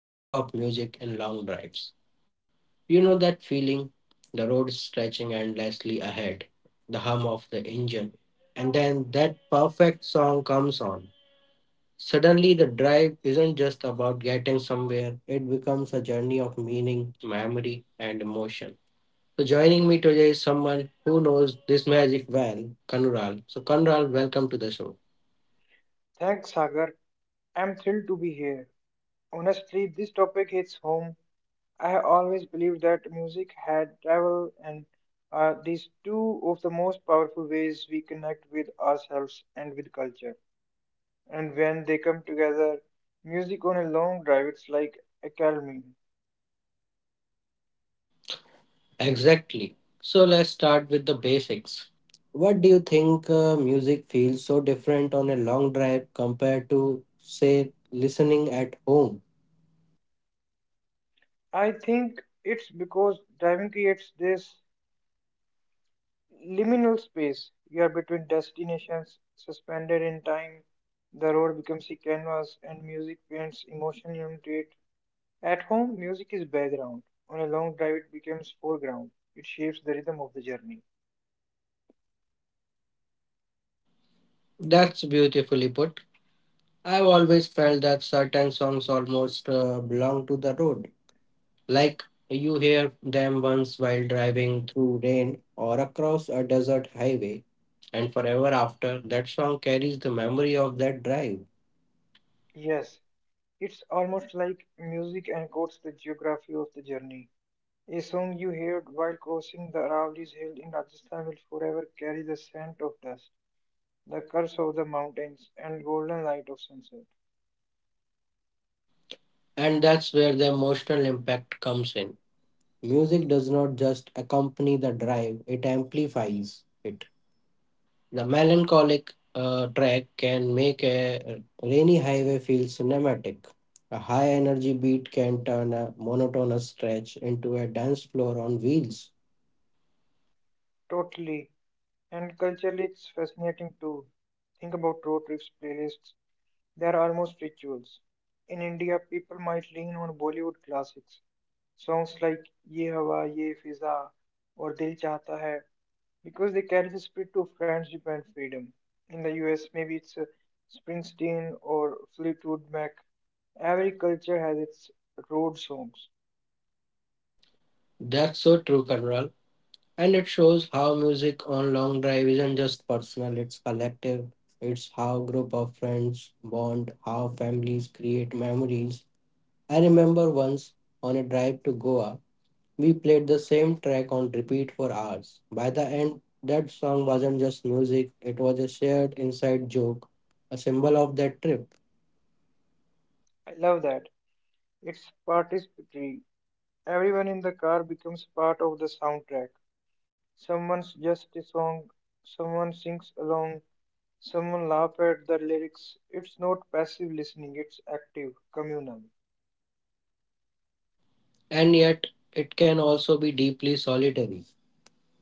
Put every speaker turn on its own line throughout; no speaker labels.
the magic of music and long drives. You know that feeling, the road stretching endlessly ahead, the hum of the engine, and then that perfect song comes on. Suddenly, the drive isn't just about getting somewhere, it becomes a journey of meaning, memory, and emotion. So joining me today is someone who knows this magic well, Kanural. So Kanural, welcome to the show.
Thanks, Sagar. I'm thrilled to be here. Honestly, this topic hits home. I have always believed that music had travel and are these two of the most powerful ways we connect with ourselves and with culture. And when they come together, music on a long drive, it's like a calming.
Exactly. So let's start with the basics. What do you think music feels so different on a long drive compared to, say, listening at home?
I think it's because driving creates this liminal space. You are between destinations, suspended in time. The road becomes a canvas, and music paints emotion into it. At home, music is background. On a long drive, it becomes foreground. It shapes the rhythm of the journey.
That's beautifully put. I've always felt that certain songs almost belong to the road. Like you hear them once while driving through rain or across a desert highway, and forever after, that song carries the memory of that drive.
Yes, it's almost like music encodes the geography of the journey. A song you heard while crossing the Aravali's hill in Rajasthan will forever carry the scent of dust, the curse of the mountains, and golden light of sunset.
And that's where the emotional impact comes in. Music does not just accompany the drive, it amplifies it. The melancholic track can make a rainy highway feel cinematic. A high energy beat can turn a monotonous stretch into a dance floor on wheels.
Totally. And culturally, it's fascinating too. Think about road trips playlists, they're almost rituals. In India, people might lean on Bollywood classics, songs like Ye Hawa, Ye Fiza, or Dil Chahta Hai, because they carry the spirit of friendship and freedom. In the US, maybe it's Springsteen or Fleetwood Mac. Every culture has its road songs.
That's so true, Conrad. And it shows how music on long drive isn't just personal, it's collective. It's how group of friends bond, how families create memories. I remember once on a drive to Goa, we played the same track on repeat for hours. By the end, that song wasn't just music, it was a shared inside joke, a symbol of that trip.
I love that. It's participatory. Everyone in the car becomes part of the soundtrack. Someone's just a song, someone sings along, someone laughs at the lyrics. It's not passive listening, it's active, communal.
And yet, it can also be deeply solitary.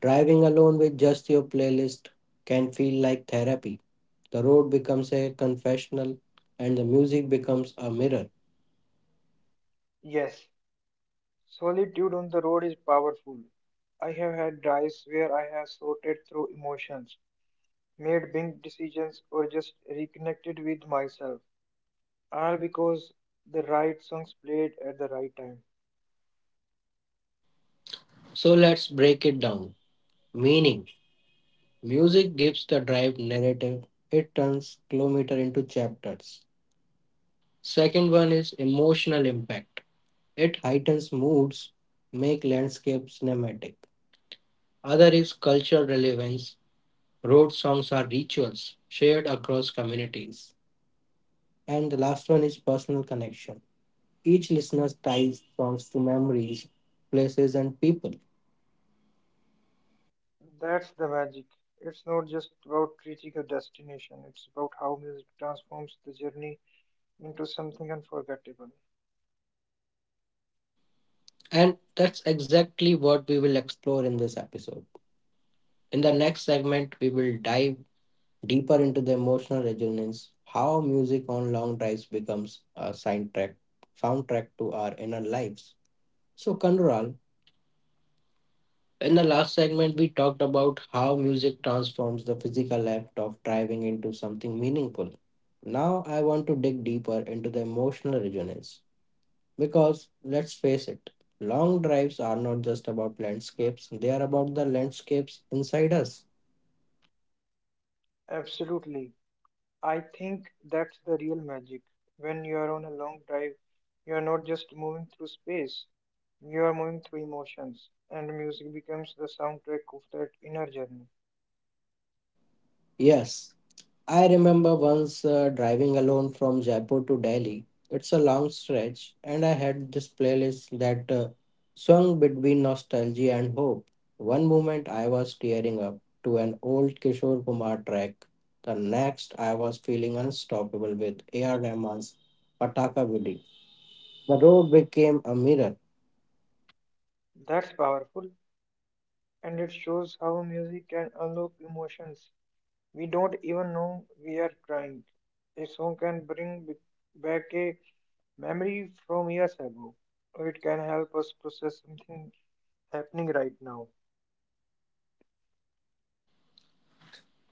Driving alone with just your playlist can feel like therapy. The road becomes a confessional and the music becomes a mirror.
Yes, solitude on the road is powerful. I have had drives where I have sorted through emotions, made big decisions, or just reconnected with myself, all because the right songs played at the right time.
So let's break it down. Meaning: music gives the drive narrative, it turns kilometer into chapters. Second one is emotional impact. It heightens moods, make landscapes cinematic. Other is cultural relevance. Road songs are rituals shared across communities. And the last one is personal connection. Each listener ties songs to memories, places, and people.
That's the magic. It's not just about reaching a destination, it's about how music transforms the journey into something unforgettable.
And that's exactly what we will explore in this episode. In the next segment, we will dive deeper into the emotional resonance, how music on long drives becomes a soundtrack, soundtrack to our inner lives. So, Kanral, in the last segment, we talked about how music transforms the physical act of driving into something meaningful. Now, I want to dig deeper into the emotional resonance. Because let's face it, long drives are not just about landscapes, they are about the landscapes inside us.
Absolutely. I think that's the real magic. When you are on a long drive, you are not just moving through space, you are moving through emotions, and music becomes the soundtrack of that inner journey.
Yes, I remember once driving alone from Jaipur to Delhi. It's a long stretch, and I had this playlist that swung between nostalgia and hope. One moment I was tearing up to an old Kishore Kumar track. The next, I was feeling unstoppable with A.R. Rahman's Pataka Vidi. The road became a mirror.
That's powerful, and it shows how music can unlock emotions we don't even know we are crying. A song can bring back a memory from years ago, or it can help us process something happening right now.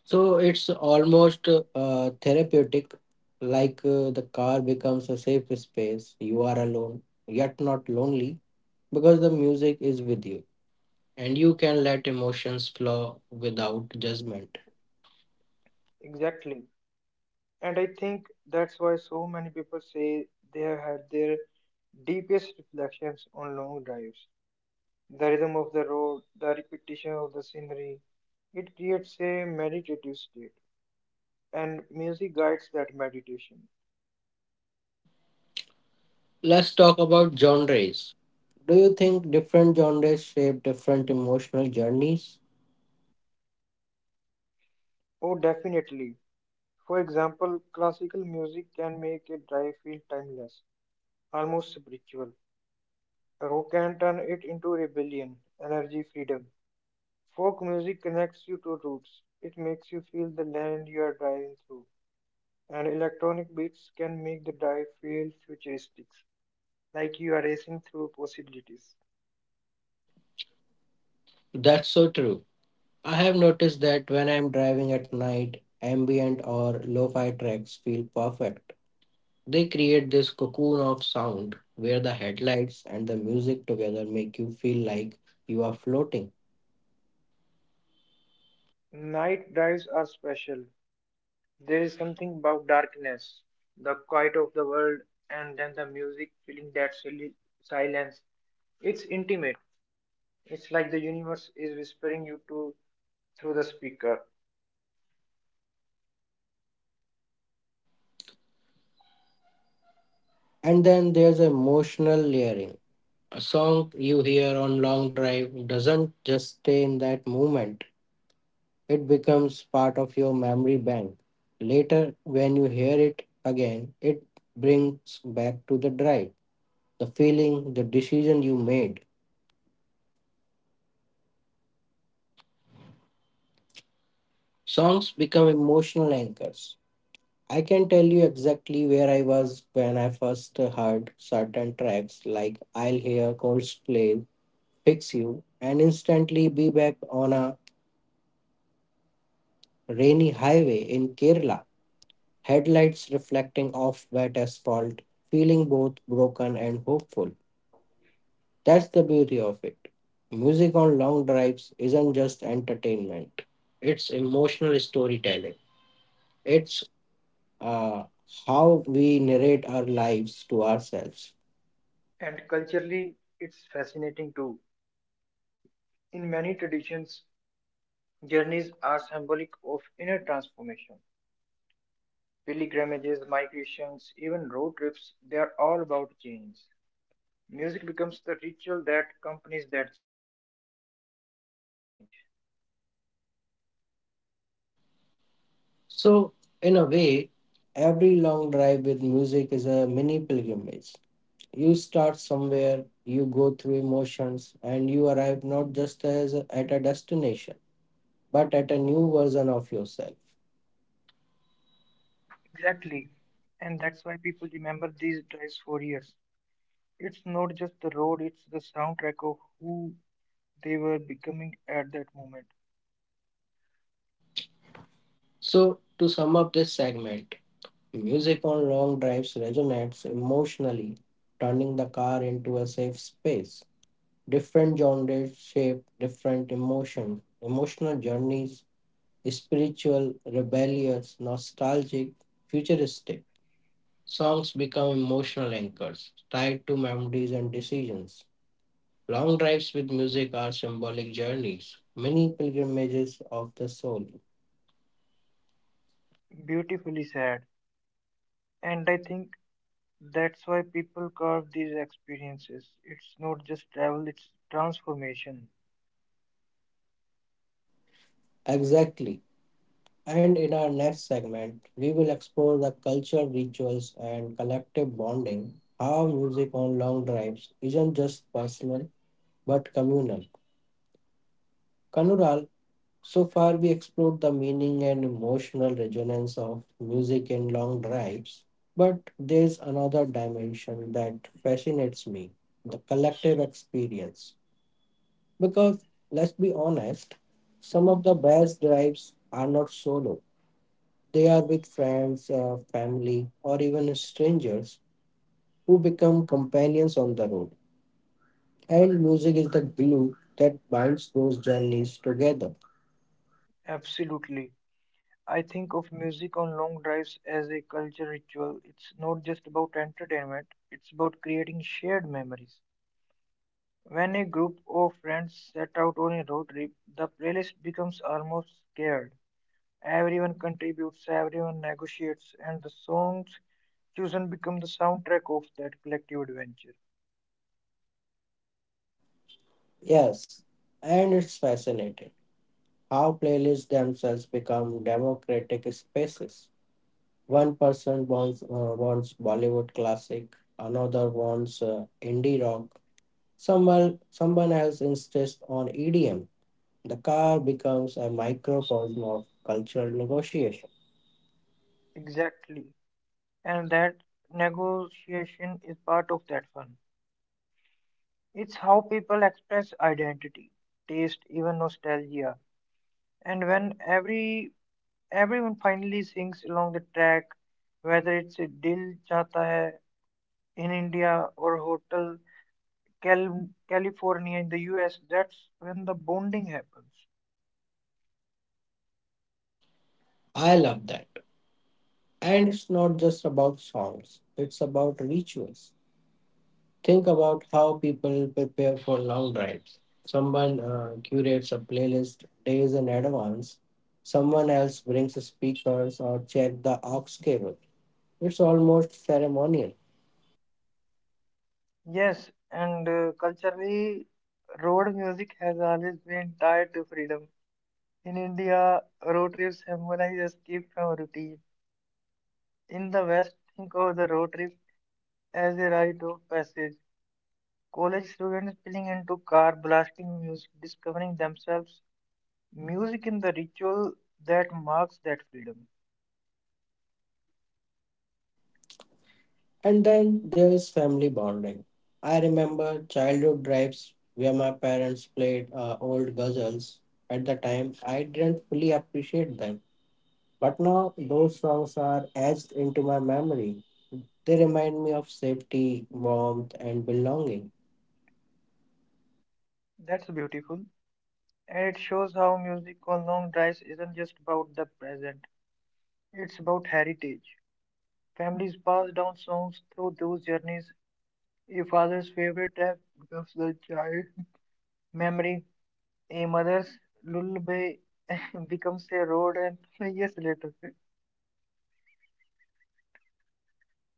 So it's almost therapeutic, like the car becomes a safe space. You are alone, yet not lonely, because the music is with you and you can let emotions flow without judgment.
Exactly. And I think that's why so many people say they have had their deepest reflections on long drives. The rhythm of the road, the repetition of the scenery, it creates a meditative state, and music guides that meditation.
Let's talk about genres. Do you think different genres shape different emotional journeys?
Oh, definitely. For example, classical music can make a drive feel timeless, almost spiritual. Rock can turn it into rebellion, energy, freedom. Folk music connects you to roots. It makes you feel the land you are driving through. And electronic beats can make the drive feel futuristic, like you are racing through possibilities.
That's so true. I have noticed that when I'm driving at night, ambient or lo fi tracks feel perfect. They create this cocoon of sound where the headlights and the music together make you feel like you are floating.
Night drives are special. There is something about darkness, the quiet of the world, and then the music filling that silence. It's intimate. It's like the universe is whispering you to through the speaker.
And then there's emotional layering. A song you hear on long drive doesn't just stay in that moment, it becomes part of your memory bank. Later, when you hear it again, it brings back to the drive, the feeling, the decision you made. Songs become emotional anchors. I can tell you exactly where I was when I first heard certain tracks, like I'll hear Coldplay, Fix You, and instantly be back on a rainy highway in Kerala, headlights reflecting off wet asphalt, feeling both broken and hopeful. That's the beauty of it. Music on long drives isn't just entertainment, it's emotional storytelling. It's uh, how we narrate our lives to ourselves.
And culturally, it's fascinating too. In many traditions, journeys are symbolic of inner transformation. Pilgrimages, migrations, even road trips, they are all about change. Music becomes the ritual that accompanies that change.
So, in a way, every long drive with music is a mini pilgrimage. You start somewhere, you go through emotions, and you arrive not just as at a destination, but at a new version of yourself.
Exactly. And that's why people remember these drives for years. It's not just the road, it's the soundtrack of who they were becoming at that moment.
So, to sum up this segment, music on long drives resonates emotionally, turning the car into a safe space. Different genres shape different emotional journeys: spiritual, rebellious, nostalgic, futuristic. Songs become emotional anchors tied to memories and decisions. Long drives with music are symbolic journeys, mini pilgrimages of the soul.
Beautifully said. And I think that's why people carve these experiences. It's not just travel, it's transformation.
Exactly. And in our next segment, we will explore the culture, rituals, and collective bonding. How music on long drives isn't just personal but communal. Kanural, so far, we explored the meaning and emotional resonance of music in long drives, but there's another dimension that fascinates me, the collective experience. Because, let's be honest, some of the best drives are not solo, they are with friends, family, or even strangers who become companions on the road. And music is the glue that binds those journeys together.
Absolutely. I think of music on long drives as a culture ritual. It's not just about entertainment, it's about creating shared memories. When a group of friends set out on a road trip, the playlist becomes almost scared. Everyone contributes, everyone negotiates, and the songs chosen become the soundtrack of that collective adventure.
Yes, and it's fascinating how playlists themselves become democratic spaces. One person wants Bollywood classic, another wants indie rock, someone else insists on EDM. The car becomes a microcosm of cultural negotiation.
Exactly. And that negotiation is part of that fun. It's how people express identity, taste, even nostalgia. And when everyone finally sings along the track, whether it's Dil Chata Hai in India or Hotel California in the US, that's when the bonding happens.
I love that. And it's not just about songs, it's about rituals. Think about how people prepare for long drives. Someone curates a playlist days in advance. Someone else brings speakers or check the aux cable. It's almost ceremonial.
Yes, and culturally, road music has always been tied to freedom. In India, road trips symbolize escape from routine. In the West, think of the road trip as a rite of passage. College students spilling into car, blasting music, discovering themselves. Music in the ritual that marks that freedom.
And then there is family bonding. I remember childhood drives where my parents played old ghazals. At the time, I didn't fully appreciate them. But now those songs are etched into my memory. They remind me of safety, warmth, and belonging.
That's beautiful. And it shows how music on long drives isn't just about the present, it's about heritage. Families pass down songs through those journeys. A father's favorite track becomes the child memory. A mother's lullaby becomes a road and years later.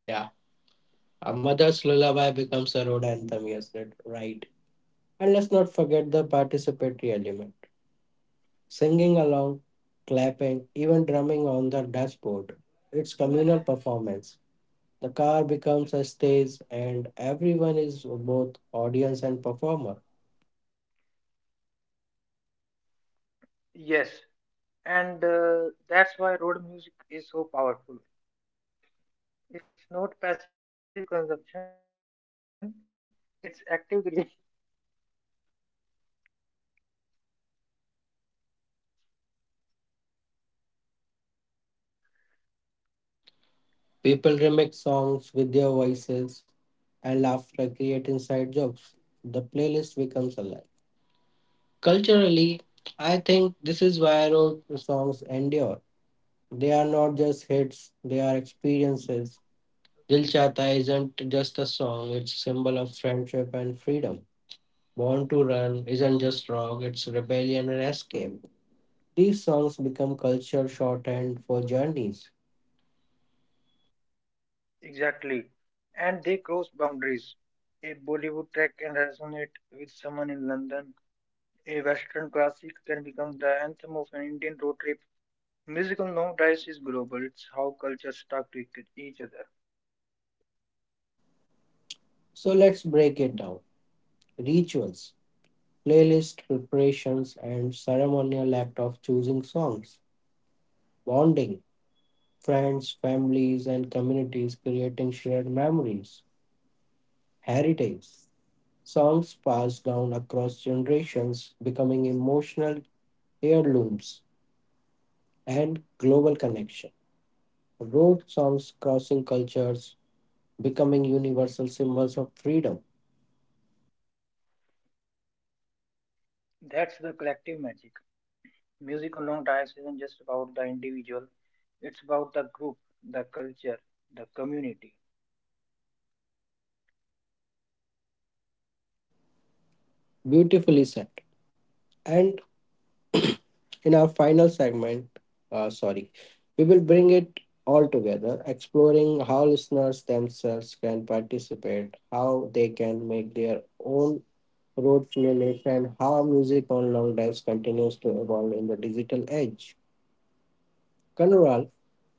Yeah, a mother's lullaby becomes a road anthem, yes, that right. And let's not forget the participatory element. Singing along, clapping, even drumming on the dashboard. It's communal performance. The car becomes a stage and everyone is both audience and performer.
Yes, and that's why road music is so powerful. It's not passive consumption, it's active creation.
People remix songs with their voices and laughter create inside jokes. The playlist becomes alive. Culturally, I think this is why road songs endure. They are not just hits, they are experiences. Dil Chata isn't just a song, it's a symbol of friendship and freedom. Born to Run isn't just rock, it's rebellion and escape. These songs become culture shorthand for journeys.
Exactly. And they cross boundaries. A Bollywood track can resonate with someone in London. A Western classic can become the anthem of an Indian road trip. Musical now dice is global. It's how cultures talk to each other.
So let's break it down. Rituals, playlist preparations, and ceremonial act of choosing songs. Bonding, friends, families, and communities creating shared memories. Heritage, songs passed down across generations, becoming emotional heirlooms and global connection. Road songs crossing cultures, becoming universal symbols of freedom.
That's the collective magic. Music on long drives isn't just about the individual, it's about the group, the culture, the community.
Beautifully said. And in our final segment, sorry, we will bring it all together, exploring how listeners themselves can participate, how they can make their own road music, and how music on long drives continues to evolve in the digital age. Kanural,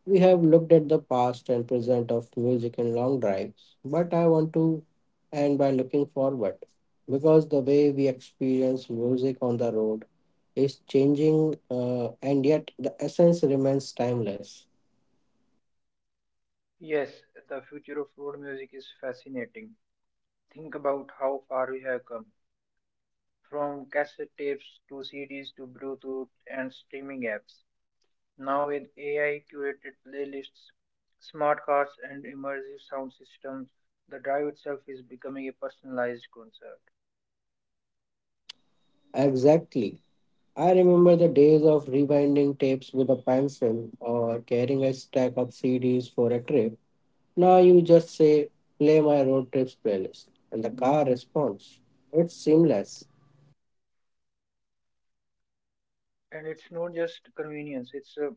we have looked at the past and present of music and long drives, but I want to end by looking forward, because the way we experience music on the road is changing and yet the essence remains timeless.
Yes, the future of road music is fascinating. Think about how far we have come from cassette tapes to CDs to Bluetooth and streaming apps. Now, with AI curated playlists, smart cars, and immersive sound systems, the drive itself is becoming a personalized concert.
Exactly. I remember the days of rewinding tapes with a pencil or carrying a stack of CDs for a trip. Now you just say, play my road trips playlist, and the car responds. It's seamless.
And it's not just convenience, it's a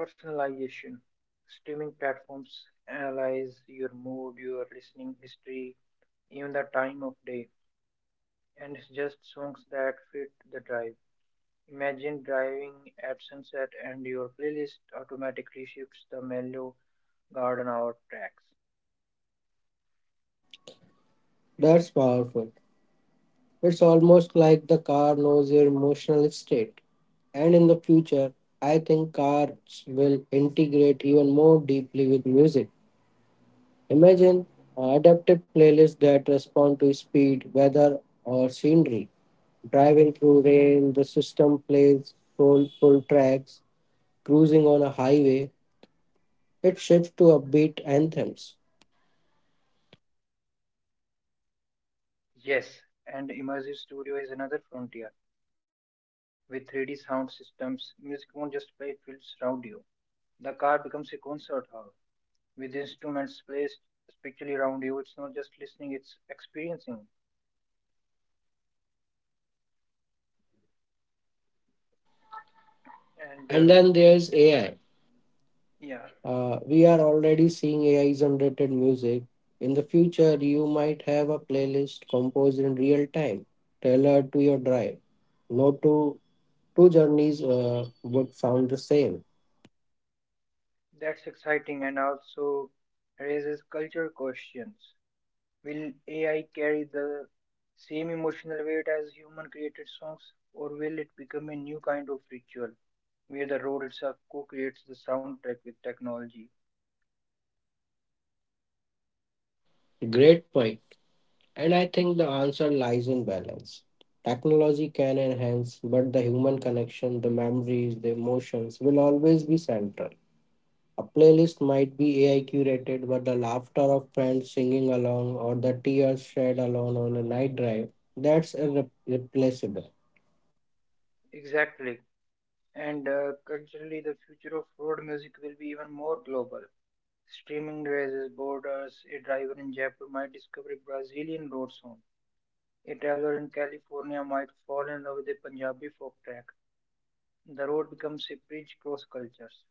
personalization. Streaming platforms analyze your mood, your listening history, even the time of day, and suggest songs that fit the drive. Imagine driving at sunset and your playlist automatically shifts the mellow garden hour tracks.
That's powerful. It's almost like the car knows your emotional state. And in the future, I think cars will integrate even more deeply with music. Imagine adaptive playlists that respond to speed, weather, or scenery. Driving through rain, the system plays soulful tracks. Cruising on a highway, it shifts to upbeat anthems.
Yes, and immersive studio is another frontier. With 3D sound systems, music won't just play, it will surround you. The car becomes a concert hall with instruments placed spiritually around you. It's not just listening, it's experiencing.
And
And
then there's AI.
yeah,
We are already seeing AI generated music. In the future, you might have a playlist composed in real time, tailored to your drive. No two journeys would sound the same.
that's exciting and also raises culture questions. Will AI carry the same emotional weight as human created songs, or will it become a new kind of ritual where the road itself co creates the soundtrack with technology?
Great point. And I think the answer lies in balance. Technology can enhance, but the human connection, the memories, the emotions will always be central. A playlist might be AI curated, but the laughter of friends singing along or the tears shed alone on a night drive, that's irreplaceable.
Exactly. And culturally, the future of road music will be even more global. Streaming raises borders. A driver in Jaipur might discover a Brazilian road song. A traveler in California might fall in love with a Punjabi folk track. The road becomes a bridge across cultures.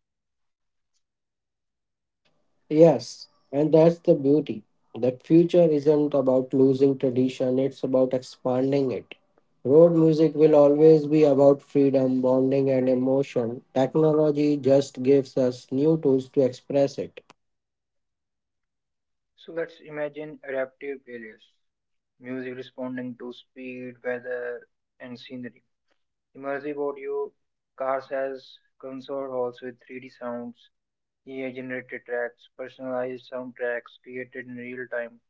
Yes, and that's the beauty. The future isn't about losing tradition, it's about expanding it. Road music will always be about freedom, bonding, and emotion. Technology just gives us new tools to express it.
So let's imagine adaptive playlists. Music responding to speed, weather, and scenery. Immersive audio, cars as concert halls with 3D sounds, AI generated tracks, personalized soundtracks created in real time.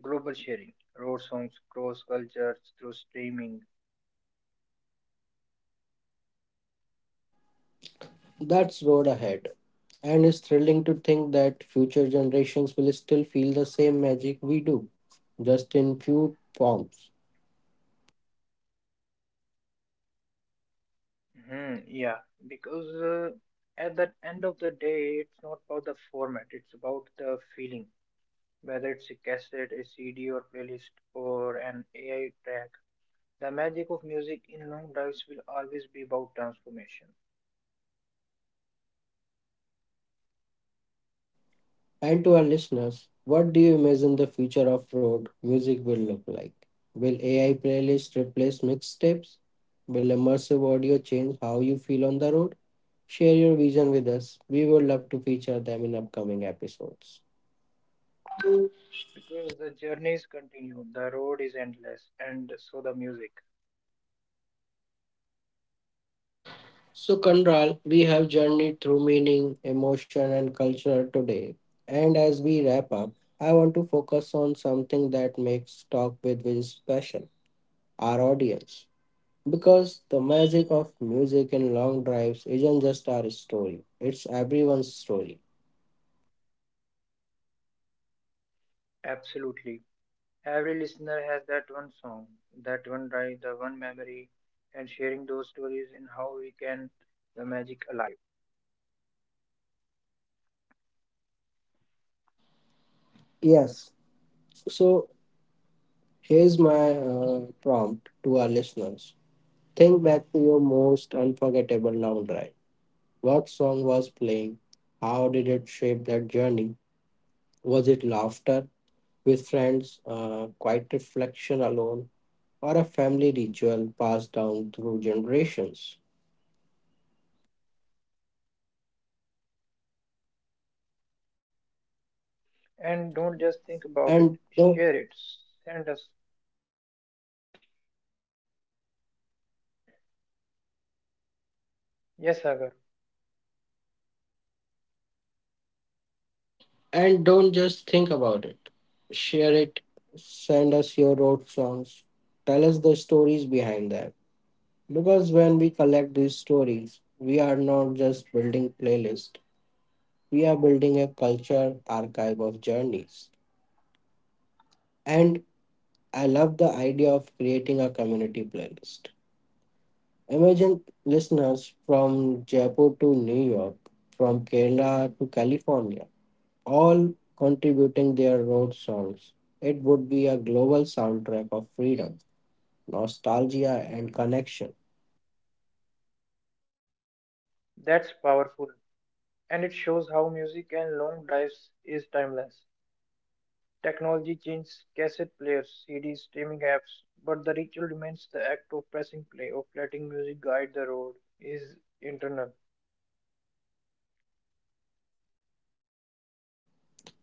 Global sharing, road songs cross cultures through streaming.
That's road ahead. And it's thrilling to think that future generations will still feel the same magic we do, just in few forms.
Yeah, because at the end of the day, it's not about the format, it's about the feeling. Whether it's a cassette, a CD, or playlist, or an AI track, the magic of music in long drives will always be about transformation.
And to our listeners, what do you imagine the future of road music will look like? Will AI playlists replace mixtapes? Will immersive audio change how you feel on the road? Share your vision with us. We would love to feature them in upcoming episodes.
Because the journeys continue, the road is endless, and so the music.
So, Kandral, we have journeyed through meaning, emotion, and culture today. And as we wrap up, I want to focus on something that makes Talk with Wiz special: our audience. Because the magic of music in long drives isn't just our story, it's everyone's story.
Absolutely. Every listener has that one song, that one drive, the one memory, and sharing those stories and how we can the magic alive.
Yes. So, here's my prompt to our listeners. Think back to your most unforgettable long drive. What song was playing? How did it shape that journey? Was it laughter with friends, quiet reflection alone, or a family ritual passed down through generations?
And don't just think about it,
And no,
share it, send us. Yes, Sagar,
and don't just think about it. Share it. Send us your road songs. Tell us the stories behind that. Because when we collect these stories, we are not just building playlist. We are building a culture archive of journeys. And I love the idea of creating a community playlist. Imagine listeners from Jaipur to New York, from Kerala to California, all contributing their road songs. It would be a global soundtrack of freedom, nostalgia, and connection.
that's powerful. And it shows how music and long drives is timeless. Technology changed cassette players, CDs, streaming apps, but the ritual remains the act of pressing play, of letting music guide the road, is internal.
Yes,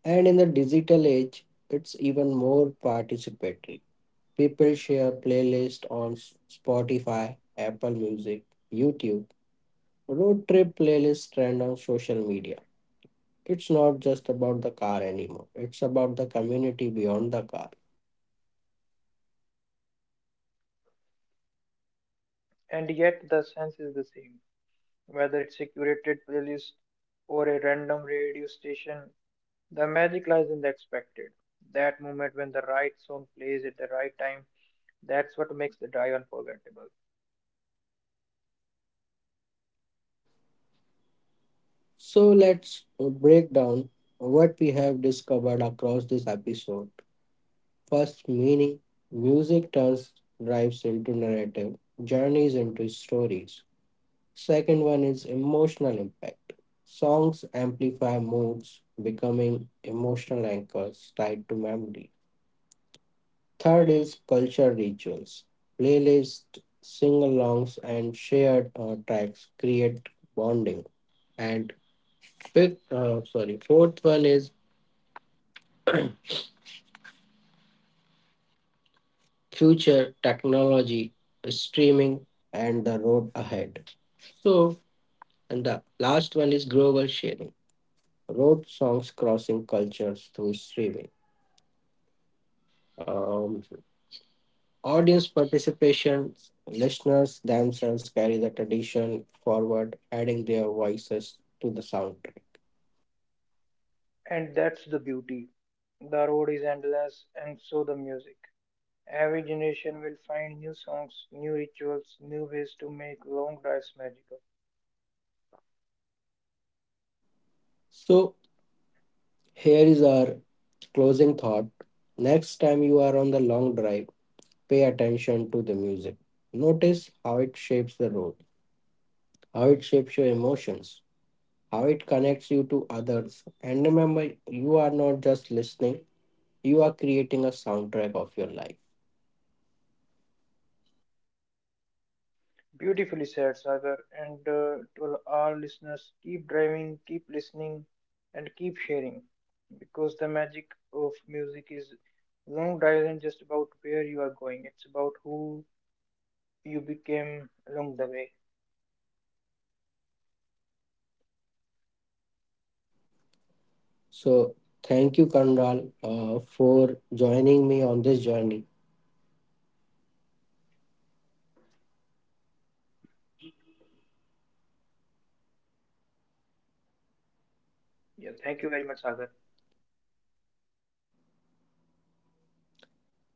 and in the digital age, it's even more participatory. People share playlists on Spotify, Apple Music, YouTube. Road trip playlists trend on social media. It's not just about the car anymore, it's about the community beyond the car.
And yet the sense is the same. Whether it's a curated playlist or a random radio station, the magic lies in the expected. That moment when the right song plays at the right time, that's what makes the drive unforgettable.
So, let's break down what we have discovered across this episode. First, meaning: music turns drives into narrative, journeys into stories. Second one is emotional impact. Songs amplify moods, becoming emotional anchors tied to memory. Third is culture rituals. Playlists, sing alongs, and shared tracks create bonding. And fifth, fourth one is future technology, streaming, and the road ahead. So, and the last one is global sharing. Road songs crossing cultures through streaming. Um. Audience participation, listeners themselves carry the tradition forward, adding their voices to the soundtrack.
And that's the beauty. The road is endless, and so the music. Every generation will find new songs, new rituals, new ways to make long drives magical.
So, here is our closing thought. Next time you are on the long drive, pay attention to the music. Notice how it shapes the road, how it shapes your emotions, how it connects you to others. And remember, you are not just listening, you are creating a soundtrack of your life.
Beautifully said, Sagar. And to our listeners, keep driving, keep listening, and keep sharing because the magic of music is long isn't just about where you are going, it's about who you became along the way.
So thank you, Kanral, for joining me on this journey.
Yeah, thank you very much, Sagar.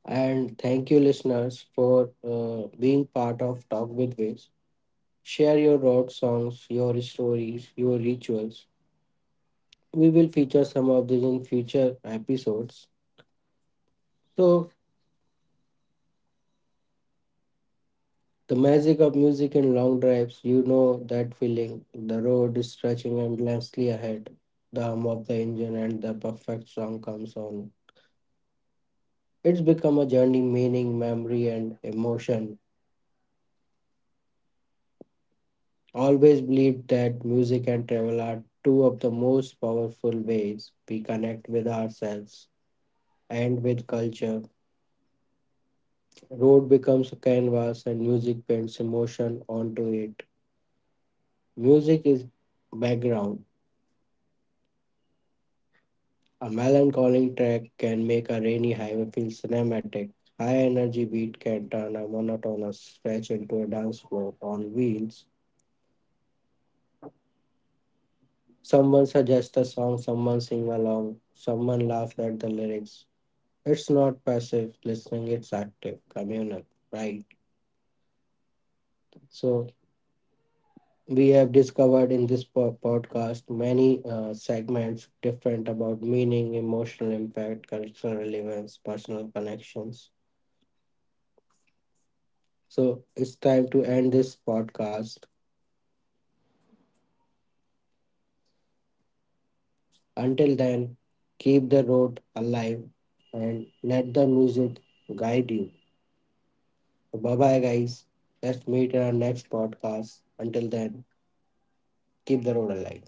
And thank you, listeners, for being part of Talk with Waves. Share your road songs, your stories, your rituals. We will feature some of these in future episodes. So, the magic of music in long drives, you know that feeling. The road is stretching endlessly ahead. The hum of the engine and the perfect song comes on. It's become a journey, meaning, memory, and emotion always believed that music and travel are two of the most powerful ways we connect with ourselves and with culture. Road becomes a canvas and music paints emotion onto it. Music is background. A melancholic track can make a rainy highway feel cinematic. High energy beat can turn a monotonous stretch into a dance floor on wheels. Someone suggests a song, someone sing along, someone laughs at the lyrics. It's not passive listening, it's active, communal, right? So, we have discovered in this podcast many segments different about meaning, emotional impact, cultural relevance, personal connections. So, it's time to end this podcast. Until then, keep the road alive and let the music guide you. Bye bye, guys. Let's meet in our next podcast. Until then, keep the road alive.